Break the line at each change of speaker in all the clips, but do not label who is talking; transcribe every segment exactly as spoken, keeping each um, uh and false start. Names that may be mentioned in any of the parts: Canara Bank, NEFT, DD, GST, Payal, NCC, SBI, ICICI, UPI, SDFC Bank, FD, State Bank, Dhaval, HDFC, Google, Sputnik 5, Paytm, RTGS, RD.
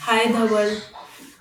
Hi Dhaval,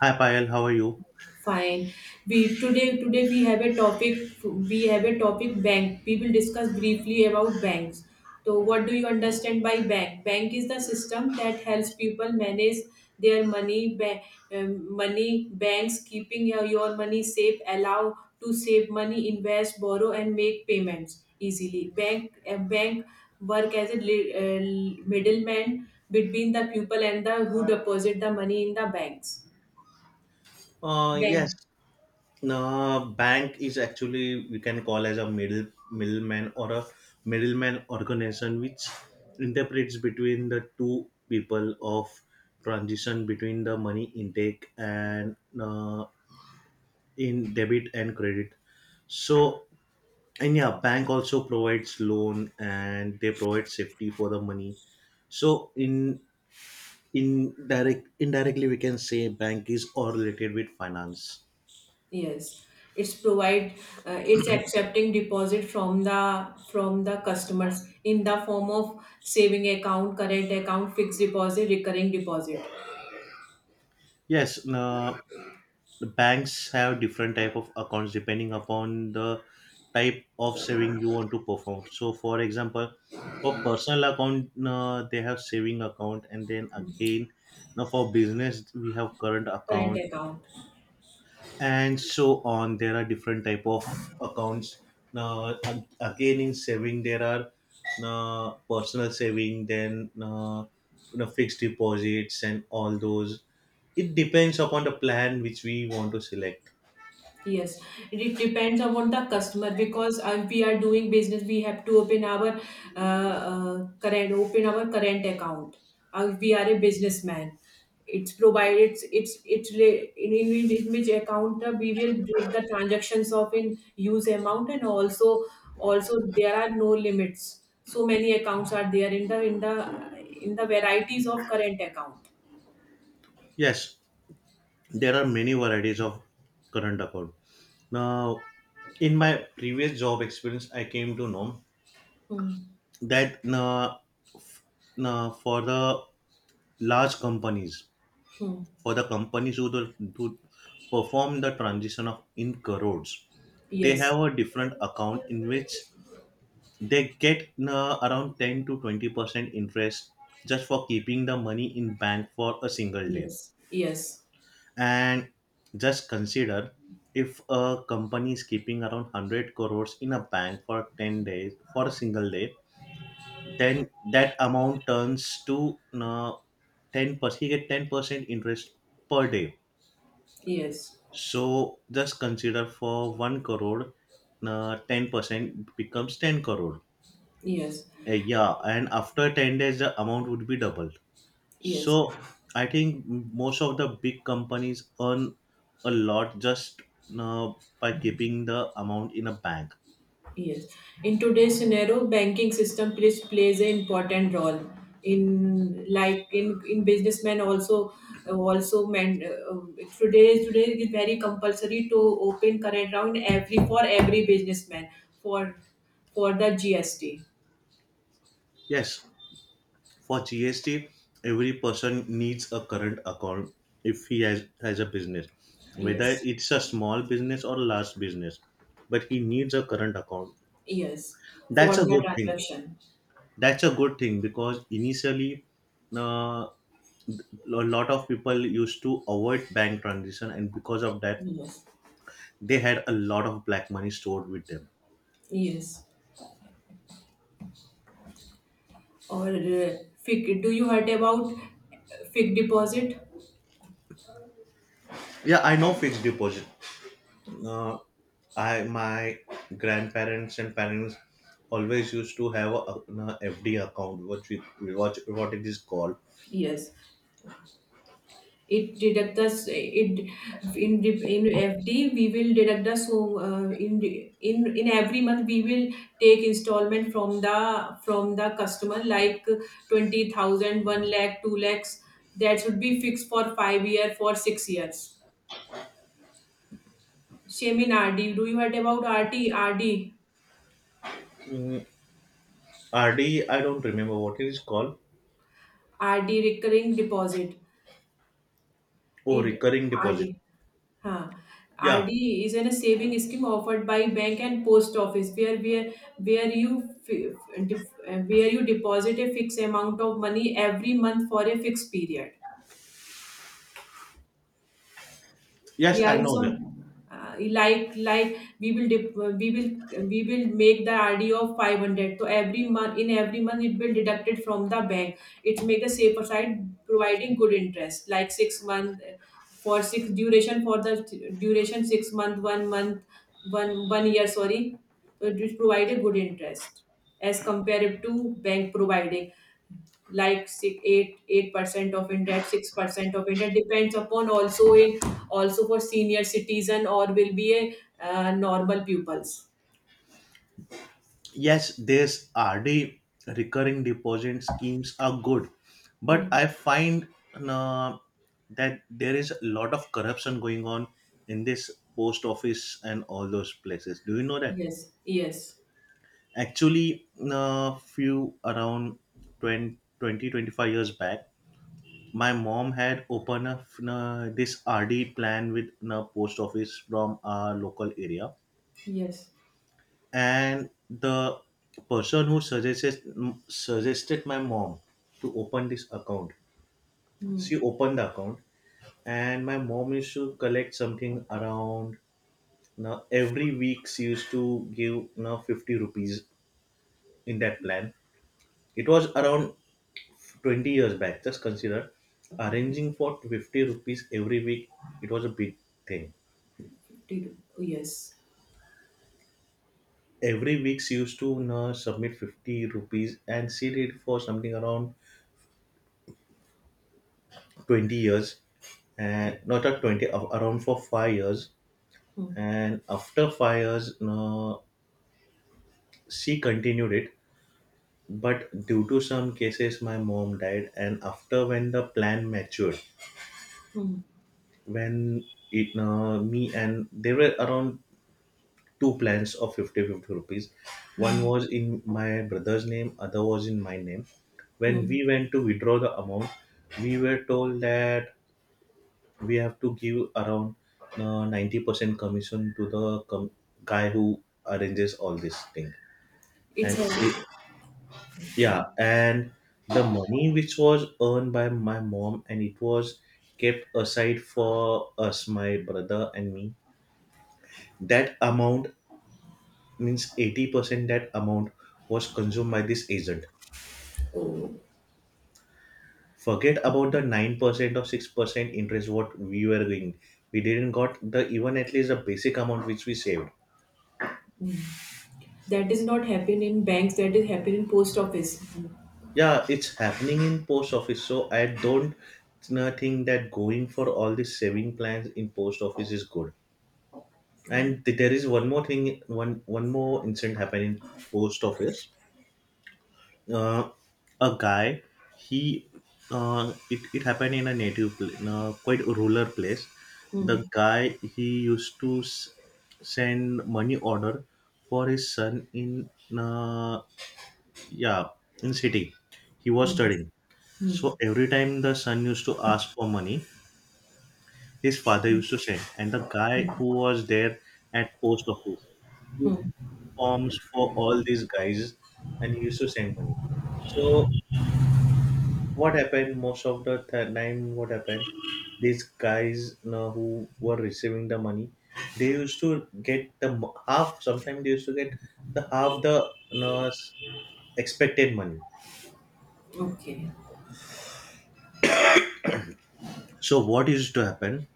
Hi Payal, how are you?
fine. We today today we have a topic we have a topic bank. We will discuss briefly about banks. So what do you understand by bank? Bank is the system that helps people manage their money. Ba- um, money banks keeping your, your money safe, allow to save money, invest, borrow, and make payments easily. Bank a bank work as a li- uh, middleman between the people and the who deposit the money in the banks.
Uh, yes,
When?
uh, bank is actually we can call as a middle middleman or a middleman organization which interprets between the two people of transition between the money intake and uh, in debit and credit. So and yeah, bank also provides loan, and they provide safety for the money. So in indirect indirectly we can say bank is all related with finance.
Yes, it's provide uh, it's accepting deposit from the from the customers in the form of saving account, current account, fixed deposit, recurring deposit,
Yes, uh, the banks have different type of accounts depending upon the type of saving you want to perform. So, for example, for personal account, uh, they have saving account, and then again, now for business, we have current
current
account,
account.
and so on there are different type of accounts now ag- again in saving there are uh, personal saving, then uh, you know, fixed deposits and all those. It depends upon the plan which we want to select.
Yes, it depends upon the customer because uh, we are doing business, we have to open our uh, uh, current open our current account. Uh, we are a businessman. It's provided. It's it's it's re- in, in, in which account uh, we will break the transactions of in use amount and also also there are no limits. So many accounts are there in the in the in the varieties of current account.
Yes, there are many varieties of current account. Now in my previous job experience I came to know
Hmm.
that uh, uh, for the large companies,
Hmm.
for the companies who, the, who perform the transition of in crores, they
Yes.
have a different account in which they get uh, around ten to twenty percent interest just for keeping the money in bank for a single day.
Yes. Yes.
And just consider, if a company is keeping around one hundred crores in a bank for ten days, for a single day, then that amount turns to uh, ten percent. He get ten percent interest per day.
Yes.
So just consider for one crore, uh, ten percent becomes ten crore.
Yes,
Uh, yeah, and after ten days, the amount would be doubled.
yes,
So I think most of the big companies earn a lot just uh, by keeping the amount in a bank.
yes. In today's scenario, banking system plays plays an important role in, like, in in businessmen also, also men. Uh, today today it is very compulsory to open current account every for every businessman for for the G S T.
Yes, for G S T, every person needs a current account if he has, has a business, whether
Yes,
it's a small business or large business, but he needs a current account.
yes,
That's
for
a
the
good thing
transaction.
that's a good thing because initially uh, a lot of people used to avoid bank transition, and because of that
Yes,
they had a lot of black money stored with them.
yes. Or uh, fic, do you heard about fixed deposit?
Yeah, I know fixed deposit. Uh, i my grandparents and parents always used to have a FD account, which we what, what it is called.
Yes, it deduct us it in dip- in F D we will deduct us, so uh, in in in every month we will take installment from the from the customer like twenty thousand, one lakh, two lakhs, that should be fixed for five year, for six years. Same in RD. Do you heard about RT RD?
Mm, RD, I don't remember what it is called.
RD, recurring deposit.
Oh,
It
recurring deposit.
RD. Huh.
Yeah,
R D is in a saving scheme offered by bank and post office, where where, where you fi- def- uh, where you deposit a fixed amount of money every month for a fixed period.
yes,
Yeah,
I
it's
know
on,
that.
uh, like like we will dip, we will we will make the RD of five hundred, so every month in every month it will deducted from the bank. It make a safer side, providing good interest like six month, uh, for six duration, for the duration six month, one month, one one year, sorry. So it will provide a good interest as compared to bank providing like six, eight, eight percent of interest, six percent of interest. Depends upon also in, also for senior citizen or will be a uh, normal pupils.
Yes, these R D recurring deposit schemes are good, but
Hmm.
I find uh, that there is a lot of corruption going on in this post office and all those places. Do you know that?
Yes, yes,
Actually, uh, few around twenty, twenty twenty-five years back, my mom had opened a uh, this R D plan with a post office from our local area.
yes,
And the person who suggested suggested my mom to open this account, she opened the account. And my mom used to collect something around, now every week she used to give now fifty rupees in that plan. It was around twenty years back. Just consider, arranging for fifty rupees every week, it was a big thing.
fifty two. Yes.
Every week she used to now submit fifty rupees, and she did for something around twenty years. And no, not at twenty, a- around for five years.
Hmm.
And after five years uh, she continued it. But due to some cases my mom died, and after, when the plan matured,
Hmm.
when it uh, me, and there were around two plans of fifty fifty rupees. One
Hmm.
was in my brother's name, other was in my name. When
Hmm.
we went to withdraw the amount, we were told that we have to give around uh, ninety percent commission to the com- guy who arranges all this thing.
It's
And it,
heavy.
yeah, and the money which was earned by my mom, and it was kept aside for us, my brother and me, that amount, means eighty percent that amount was consumed by this agent.
Oh,
Forget about the nine percent or six percent interest. What we were doing, we didn't got the even at least the basic amount which we saved.
that is not happen in banks. That is happen in post office. Hmm.
Yeah, it's happening in post office. So I don't uh, think that going for all these saving plans in post office is good. And th- there is one more thing, one one more incident happened in post office. Uh, a guy, he, uh, it, it happened in a native, pl- in a quite rural place.
Hmm.
The guy, he used to s- send money order for his son in, uh, yeah, in city. He was
Hmm.
studying.
Hmm.
So every time the son used to ask for money, his father used to send. And the guy who was there at post office, he
Hmm.
forms for all these guys, and he used to send money. So what happened most of the th- time? What happened? These guys, you know, who were receiving the money, they used to get the mo- half. Sometimes they used to get the half, the you know, expected money.
Okay.
So what used to happen?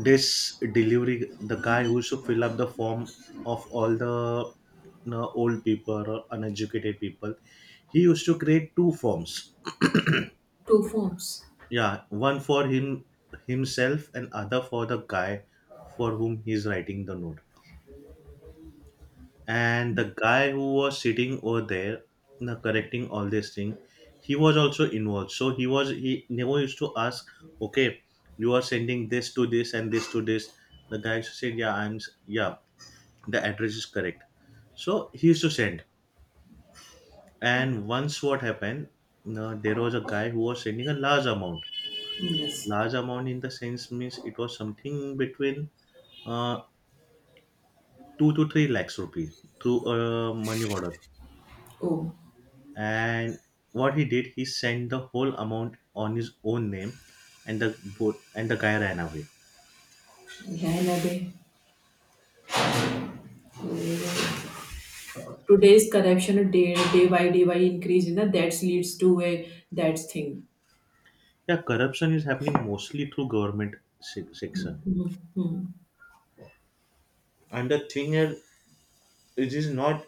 This delivery, the guy who should fill up the form of all the you know, old people or uneducated people, he used to create two forms.
Two forms.
Yeah, one for him himself, and other for the guy for whom he is writing the note. And the guy who was sitting over there, you know, correcting all this thing, he was also involved. So he was he never used to ask, okay, you are sending this to this and this to this. The guy said, yeah, i'm s- yeah, the address is correct. So he used to send. And once what happened, uh, there was a guy who was sending a large amount
Hmm. Yes.
large amount, in the sense means it was something between uh, two to three lakhs rupees through a money order.
Oh,
And what he did, he sent the whole amount on his own name, and the both and the guy ran away.
Rahna de. Today's corruption day day by day by increase, you know, that leads to a that thing.
Yeah, corruption is happening mostly through government se- section.
Hmm.
And the thing is, it is not.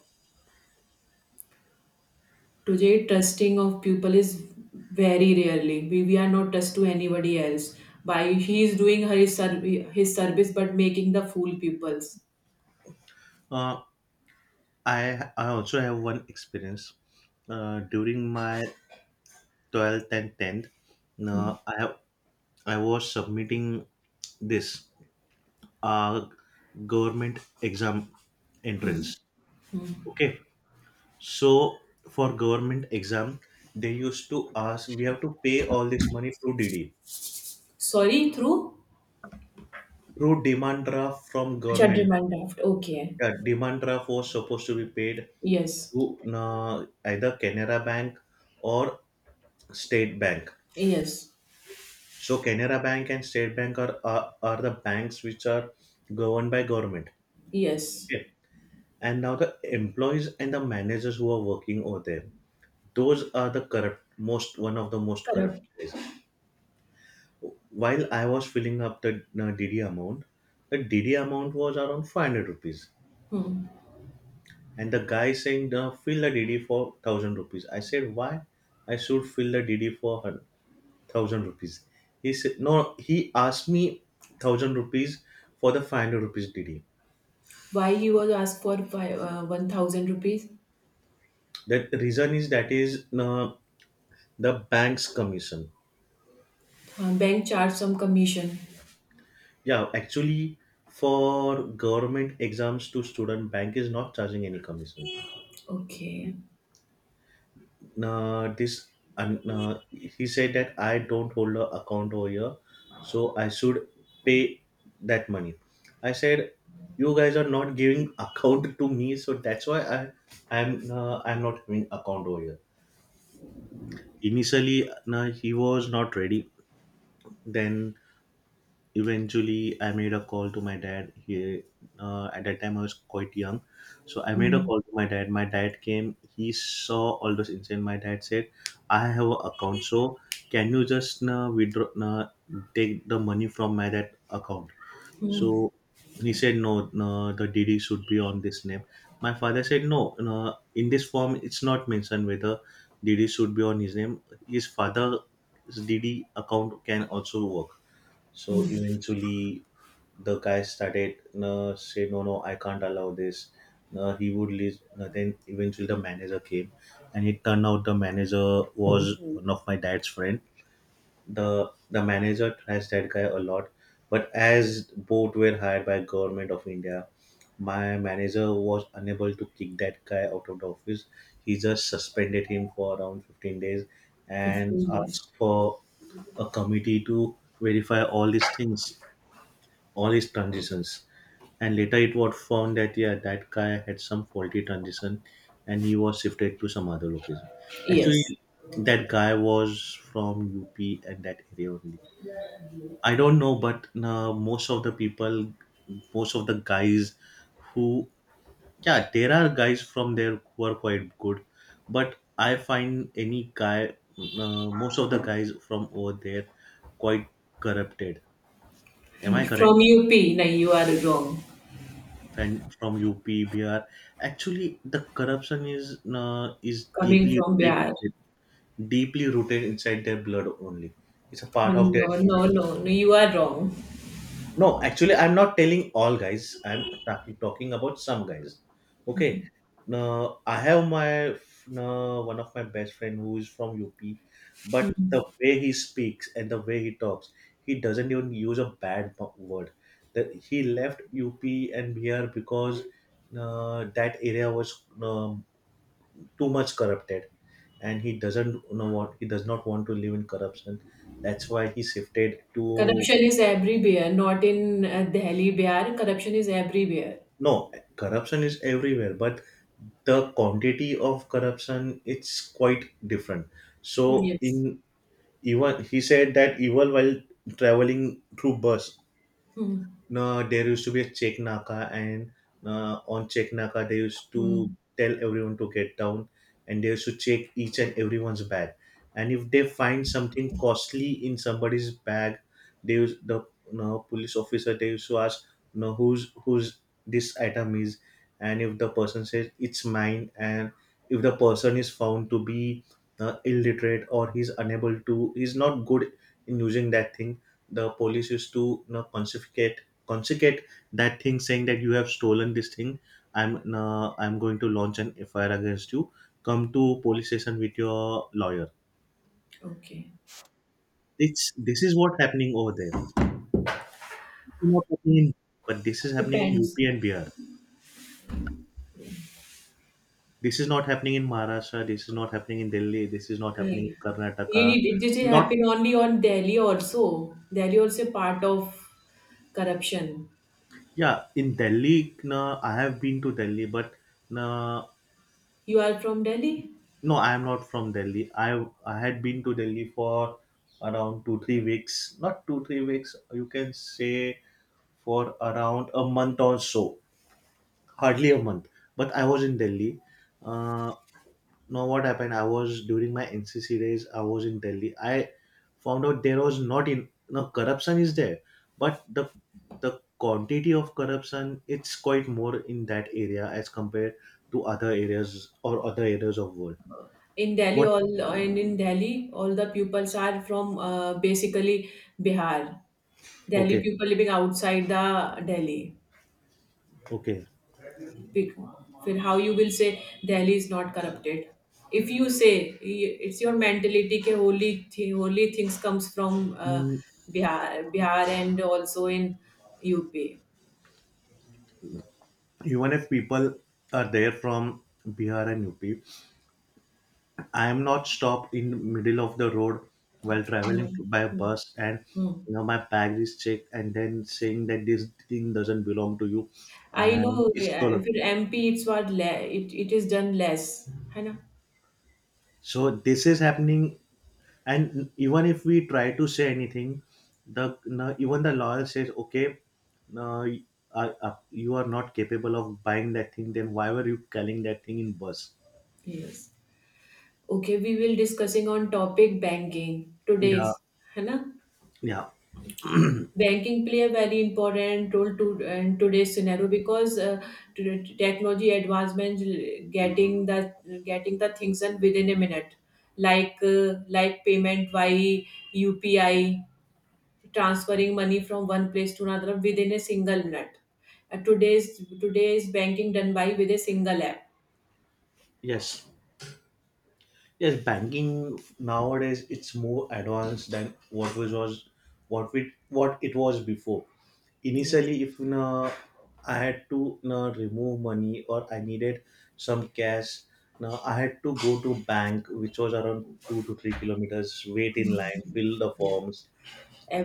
Today trusting of people is very rarely. we, we are not trust to anybody else by he is doing her his, serv- his service but making the fool peoples.
uh, I I also have one experience uh, during my twelfth and tenth. No, I I was submitting this uh, government exam entrance. Okay, so for government exam, they used to ask, we have to pay all this money through D D,
Sorry, through.
through demand draft from
Achha,
government bank.
demand draft, okay.
Yeah, demand draft was supposed to be paid
Yes.
to uh, either Canara Bank or State Bank.
Yes.
So Canara Bank and State Bank are, are are the banks which are governed by government.
Yes.
Okay. And now the employees and the managers who are working over there, those are the corrupt most, one of the most corrupt
Correct.
places. While I was filling up the uh, D D amount, the D D amount was around five hundred rupees, and the guy saying uh, fill the D D for thousand rupees. I said, why? I should fill the D D for her." thousand rupees. He said, no, he asked me thousand rupees for the five hundred rupees D D.
Why you was asked for five, uh, one thousand rupees?
That reason is, that is uh, the bank's commission.
Uh, bank charge some commission.
Yeah, actually, for government exams to student, bank is not charging any commission.
Okay.
Uh, this and uh, nah, he said that I don't hold a account over here, so I should pay that money. I said, you guys are not giving account to me, so that's why I I'm uh, I'm not having account over here. Initially, uh, he was not ready. Then eventually I made a call to my dad. He uh, At that time I was quite young. So I made a
Hmm.
call to my dad my dad came. He saw all those incident. My dad said, I have an account, so can you just uh, withdraw, uh, take the money from my that account? So he said, no, no, the DD should be on this name. My father said, no, no, in this form it's not mentioned whether DD should be on his name. His father's DD account can also work. So eventually, the guy started uh, say, no, no, I can't allow this. Uh, he would leave. Uh, then eventually the manager came, and it turned out the manager was, Mhm, one of my dad's friend. the The manager trashed that guy a lot, but as both were hired by government of India, my manager was unable to kick that guy out of the office. He just suspended him for around fifteen days and
fifteen years.
asked for a committee to verify all these things, all his transitions. And later it was found that yeah, that guy had some faulty transition, and he was shifted to some other location.
Yes.
Actually, that guy was from U P and that area only. I don't know, but uh, most of the people, most of the guys who, yeah, there are guys from there who are quite good, but I find any guy, uh, most of the guys from over there, quite corrupted. Am I correct?
From U P? No, you are wrong.
Friend from U P, Bihar. Actually, the corruption is uh, is
Coming
deeply
from
rooted,
Bihar.
inside, deeply rooted inside their blood only. It's a part
No,
of their
no, no, no, no, you are wrong.
no, actually, I'm not telling all guys. I'm talking talking about some guys. Okay. Now, I have my Now, one of my best friend who is from U P, but the way he speaks and the way he talks, he doesn't even use a bad bu- word. That he left U P and B R because uh, that area was um, too much corrupted, and he doesn't you know what he does not want to live in corruption. That's why he shifted to.
Corruption is everywhere, not in uh, Delhi, Bihar. Corruption is everywhere.
No, corruption is everywhere, but the quantity of corruption it's quite different. So
Yes.
in Even he said that evil while traveling through bus, no, there used to be a check naka, and uh, on check naka they used to
Hmm.
tell everyone to get down, and they used to check each and everyone's bag. And if they find something costly in somebody's bag, they use the no, police officer they used to ask, no, whose whose this item is, and if the person says it's mine, and if the person is found to be uh, illiterate or he's unable to, he's not good in using that thing, the police used to you know, confiscate consecrate that thing saying that you have stolen this thing. i'm uh, I'm going to launch an F I R against you. Come to police station with your lawyer.
Okay.
It's this is what happening over there. This is not happening in- But this is happening in UP
Depends.
and Bihar. This is not happening in Maharashtra. This is not happening in Delhi. This is not
Yeah.
happening in Karnataka.
It, it, it
Not
happen only on Delhi also. Delhi also part of corruption.
yeah in Delhi, na, I have been to Delhi but na.
You are from Delhi?
No, I am not from Delhi. I I had been to Delhi for around two three weeks. Not two three weeks. You can say for around a month or so. Hardly a month. But I was in Delhi. Uh, now what happened? I was during my N C C days. I was in Delhi. I found out there was not in no corruption is there, but the the quantity of corruption it's quite more in that area as compared to other areas or other areas of world.
In Delhi,
What
all, and in Delhi, all the pupils are from, uh, basically Bihar. Delhi
okay?
people living outside the Delhi.
Okay.
Bec- फिर how you will say Delhi is not corrupted? If you say y- it's your mentality के holy thi- holy things comes from uh,
Mm,
Bihar, Bihar and also in U P.
even if people are there from Bihar and U P, I am not stopped in the middle of the road while traveling
Hmm.
by
Hmm.
bus and
Hmm.
you know my bag is checked and then saying that this thing doesn't belong to you
I
and
know.
it's
Uh,
stolen.
फिर M P it's what le- it it is done less, है ना?
So this is happening and even if we try to say anything, the no, even the lawyer says, okay, no, y- uh, uh, you are not capable of buying that thing. Then why were you carrying that thing in bus?
Yes. Okay, we will discussing on topic banking
Yeah,
today's, है ना?
yeah.
Banking play a very important role to in today's scenario because uh, to- to technology advancements getting the getting the things done within a minute, like uh, like payment via U P I, transferring money from one place to another within a single minute. Uh, today's today's banking done by with a single app.
Yes, yes. Banking nowadays it's more advanced than what was was what we what it was before.
Yes.
Initially, if na I had to na remove money or I needed some cash, now I had to go to bank, which was around two to three kilometers, wait in line, fill the
Yes.
forms,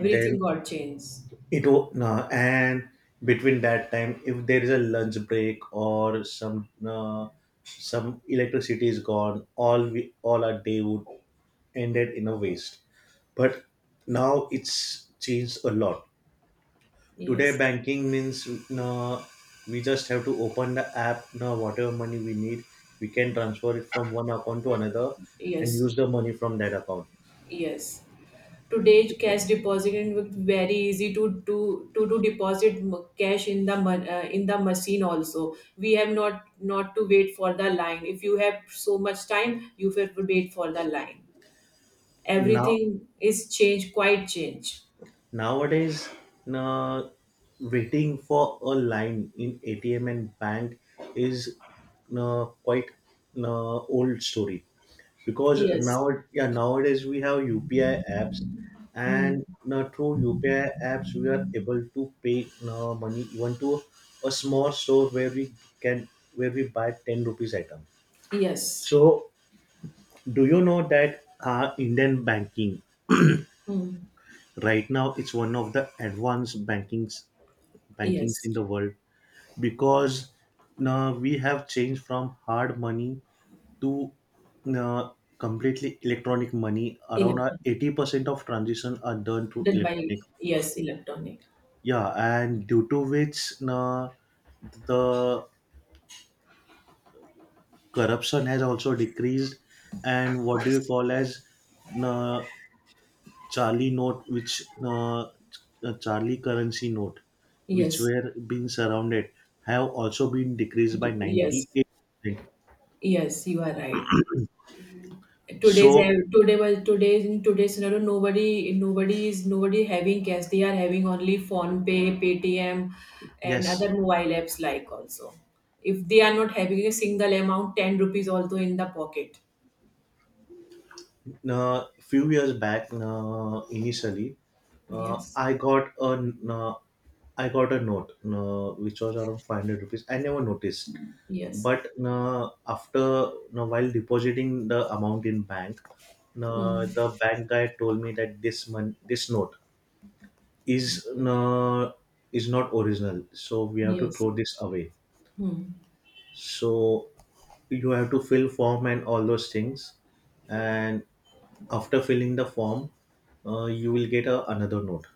then
got changed.
it will no, and between that time, if there is a lunch break or some uh, some electricity is gone, all we all our day would ended in a waste. But now it's changed a lot. Today,
Yes.
banking means uh, we just have to open the app. Now, whatever money we need, we can transfer it from one account to another and
Yes.
use the money from that account.
Yes. Today, cash depositing was very easy to do to, to deposit m- cash in the mon- uh, in the machine. Also, we have not not to wait for the line. If you have so much time, you have to wait for the line.
Now,
Everything is changed, quite changed.
Nowadays, na waiting for a line in A T M and bank is na quite na old story because
Yes.
now yeah nowadays we have U P I apps
Mm.
and na through U P I apps we are able to pay na money even to a small store where we can where we buy ten rupees item.
Yes.
So, do you know that uh, Indian banking
Mm.
right now it's one of the advanced bankings bankings
Yes.
in the world because now we have changed from hard money to uh, completely electronic money around uh,
Electron.
eighty percent of transactions are done through
Done
electronic,
by, yes, electronic.
yeah, and due to which uh, the corruption has also decreased and what do you call as uh, charlie note which uh, uh, charlie currency note which
Yes.
were being surrounded have also been decreased by
Yes.
ninety-eight percent.
Yes. You are right. today's
So
today was today's in today's scenario, nobody nobody is nobody having cash. They are having only phone pay, paytm and other
yes,
mobile apps like also, if they are not having a single amount ten rupees also in the pocket.
uh, few years back, uh, initially, uh,
Yes.
I got a uh, I got a note uh, which was around five hundred rupees. I never noticed,
Yes.
but uh, after uh, while depositing the amount in bank, uh,
Hmm.
the bank guy told me that this mon- this note is uh, is not original, so we have to
Yes.
throw this away.
Hmm.
So you have to fill form and all those things and after filling the form, uh, you will get a, another note.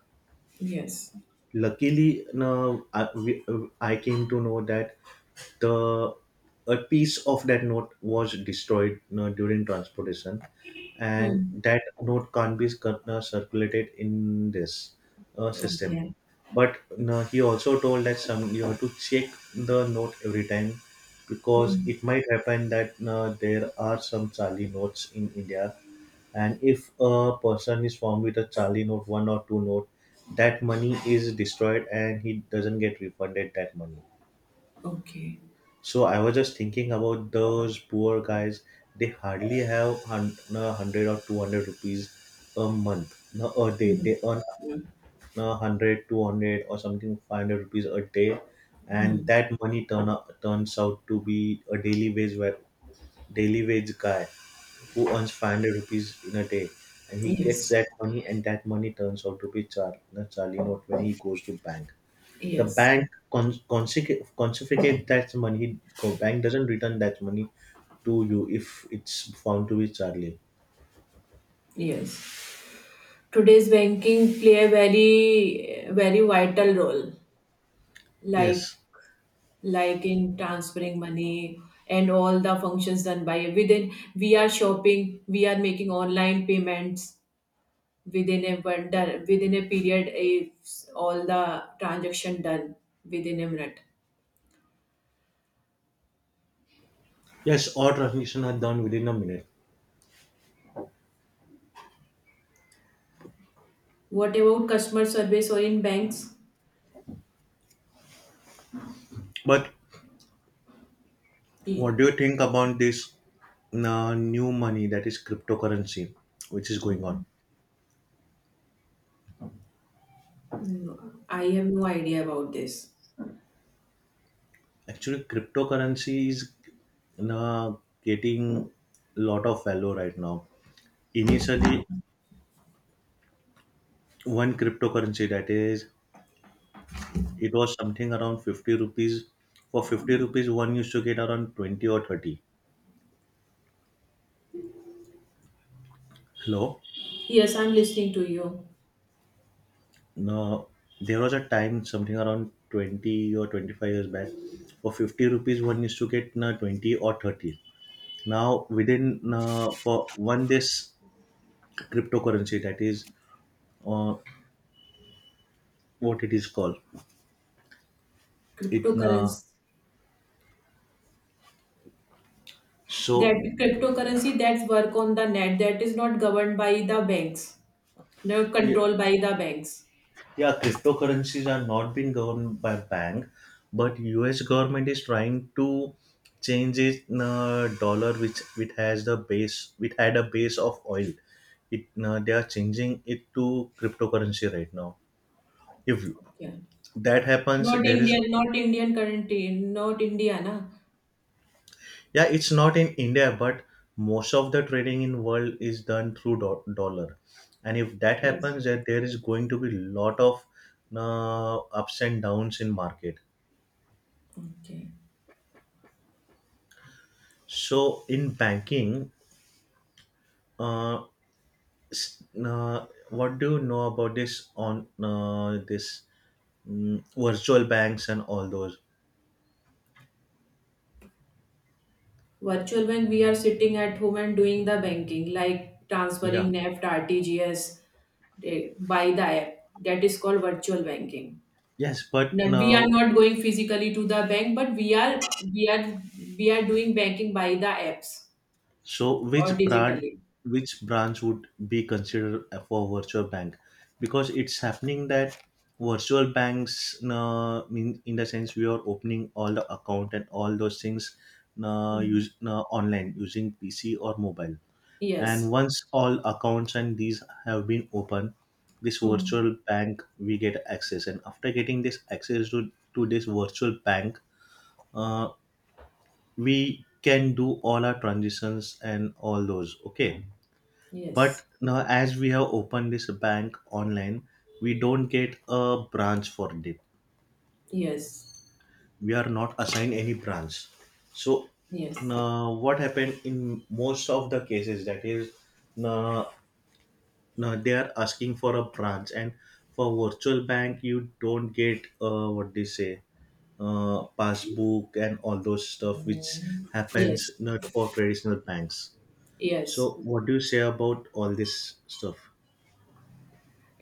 Yes.
Luckily, no, I, we, uh, I came to know that the a piece of that note was destroyed uh, during transportation, and
Hmm.
that note can't be uh, circulated in this uh, system.
Okay.
But uh, he also told that some you have to check the note every time because it
Hmm.
might happen that uh, there are some Charlie notes in India and if a person is formed with a charlie note one or two note, that money is destroyed and he doesn't get refunded that money.
Okay.
So I was just thinking about those poor guys. They hardly have hun- uh, one hundred or two hundred rupees a month no, or they,
Hmm.
they earn
Yeah.
a hundred, two hundred, or something five hundred rupees a day and
Hmm.
that money turn up, turns out to be a daily wage wa- daily wage guy who earns five hundred rupees in a day and he gets
Yes,
that money and that money turns out to be char- the charlie note when he goes to bank. The
yes,
bank con- consec- confiscates that money co- bank doesn't return that money to you if it's found to be charlie.
yes. Today's banking play a very, very vital role, like
Yes,
like in transferring money, and all the functions done by, within we are shopping, we are making online payments within a one within a period. Is all the transaction done within a minute?
yes, all transactions are done within a minute.
What about customer service or in banks?
But what
Y-
do you think about this uh, new money that is cryptocurrency which is going on?
okay. No, I have no idea about this.
Actually, cryptocurrency is now getting a lot of value right now. Initially, one cryptocurrency that is, it was something around fifty rupees. For fifty rupees, one used to get around twenty or thirty. Hello?
Yes, I'm listening to you.
Now, there was a time, something around twenty or twenty-five years back, for fifty rupees, one used to get now twenty or thirty. Now, within, uh, for one, this cryptocurrency that is uh, what it is called, it uh,
Cryptocurrency, that
so
cryptocurrency that's work on the net, that is not governed by the banks. No
yeah,
control by the banks.
yeah, cryptocurrencies are not being governed by bank, but U S government is trying to change it in a dollar, which which has the base, which had a base of oil. It uh, they are changing it to cryptocurrency right now. If
Okay.
that happens,
Not
there is
Indian, not Indian currency, not India, na?
yeah, it's not in India, but most of the trading in world is done through do- dollar, and if that
Yes.
happens, that there is going to be lot of uh, ups and downs in market.
Okay.
So in banking, uh, s- uh, what do you know about this on uh, this mm, virtual banks and all those?
Virtual bank, we are sitting at home and doing the banking, like
Yeah.
transferring N E F T, R T G S eh, by the app. That is called virtual banking.
Yes, but
Now, we are
now,
not going physically to the bank, but we are we are we are doing banking by the apps
so
or
which brand,
digitally.
which branch would be considered for virtual bank? Because it's happening that virtual banks, uh, mean in the sense we are opening all the account and all those things, uh,
Hmm.
use uh, online using P C or mobile. And
Yes.
once all accounts and these have been open, this
Hmm.
virtual bank we get access. And after getting this access to, to this virtual bank, uh, we can do all our transitions and all those. Okay. But
Yes.
now as we have opened this bank online, we don't get a branch for it.
Yes.
We are not assigned any branch. So
Yes.
now what happened in most of the cases that is now now they are asking for a branch, and for virtual bank you don't get uh, what they say uh, passbook and all those stuff which Mhm. happens
Yes.
not for traditional banks. So
Yes,
what do you say about all this stuff?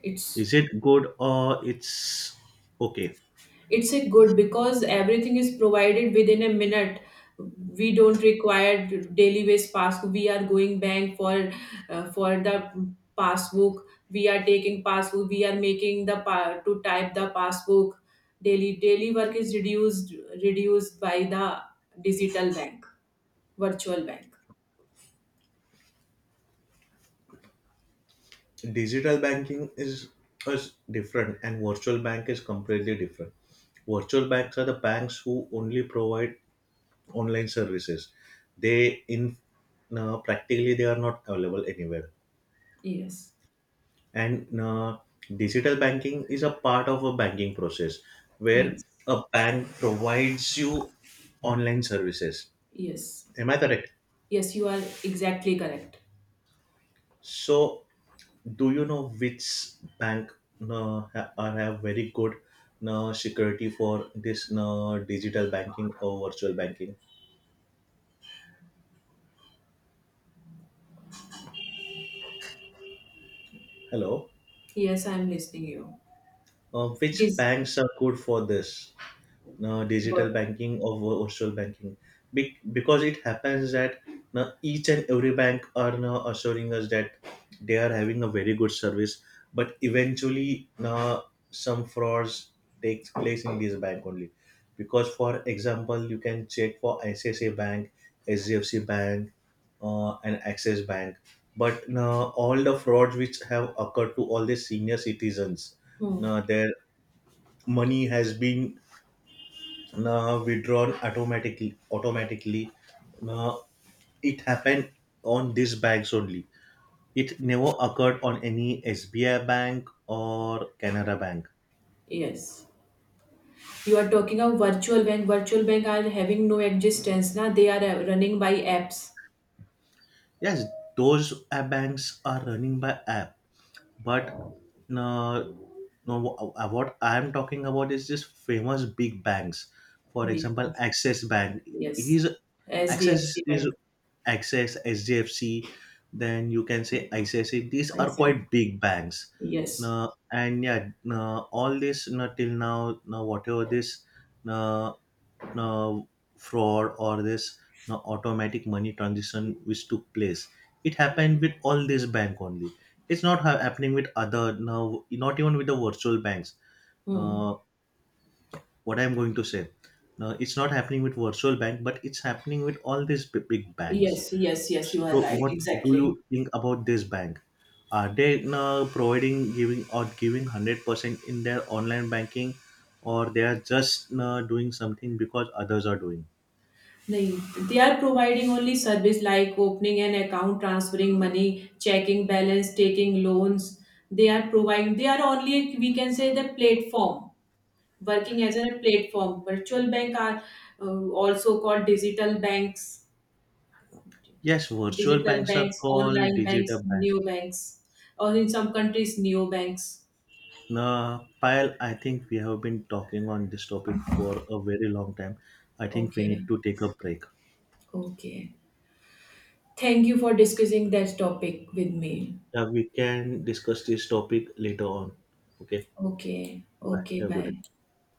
it's
Is it good or it's okay?
it's a good because everything is provided within a minute. We don't require daily wage passbook. We are going bank for, uh, for the passbook. We are taking passbook. We are making the pa- to type the passbook. Daily daily work is reduced reduced by the digital bank, virtual bank.
Digital banking is is different and virtual bank is completely different. Virtual banks are the banks who only provide online services they in uh, practically they are not available anywhere
Yes,
and uh, digital banking is a part of a banking process where
yes,
a bank provides you online services.
yes,
Am I correct?
yes. You are exactly correct.
So do you know which bank uh, ha- are have very good uh, security for this uh, digital banking or virtual banking? Hello?
Yes, I am listening you.
Uh, which
This
banks are good for this uh,
what.
digital banking or vir- virtual banking? Be- because it happens that now each and every bank are now assuring us that they are having a very good service but eventually now some frauds takes place in this bank only because for example you can check for I C I C I bank, H D F C bank, uh, and Access bank but now all the frauds which have occurred to all the senior citizens
Hmm.
now their money has been now withdrawn automatically automatically. Now it happened on these banks only. It never occurred on any S B I bank or Canara bank.
Yes. You are talking of virtual bank. Virtual bank are having no existence. Na, they are, uh, running by apps.
Yes, those uh, banks are running by app. But no, no, wh- uh, what I am talking about is just famous big banks. For
Big
example,
banks.
Access Bank.
Yes.
He's
S D F C
Access is
Bank.
Access S D F C. Then you can say I C I C I. These
I
are
said.
quite big banks.
Yes.
No, and yeah, no, all this no, till now, no, whatever this no, uh, fraud or this you automatic money transition which took place it happened with all this bank only. It's not ha- happening with other now not even with the virtual banks.
Hmm.
Uh, what I'm going to say Now it's not happening with virtual bank but it's happening with all these b- big banks.
Yes, yes, yes, you are
So
right.
what do you
Exactly.
think about this bank, are they now providing giving or giving one hundred percent in their online banking or they are just now doing something because others are doing?
They, they are providing only service like opening an account, transferring money, checking balance, taking loans. They are providing, they are only, we can say, the platform working as a platform. Virtual bank are, uh, also called digital banks,
Yes, virtual
digital
banks are
banks,
called
online banks,
digital banks.
new banks, or in some countries, new banks.
Now, Payal, I think we have been talking on this topic for a very long time. I think we need
Okay.
to take a break.
Okay. Thank you for discussing that topic with me.
Yeah, we can discuss this topic later on. Okay,
Okay.
bye.
Okay.
Have a good day.
Bye.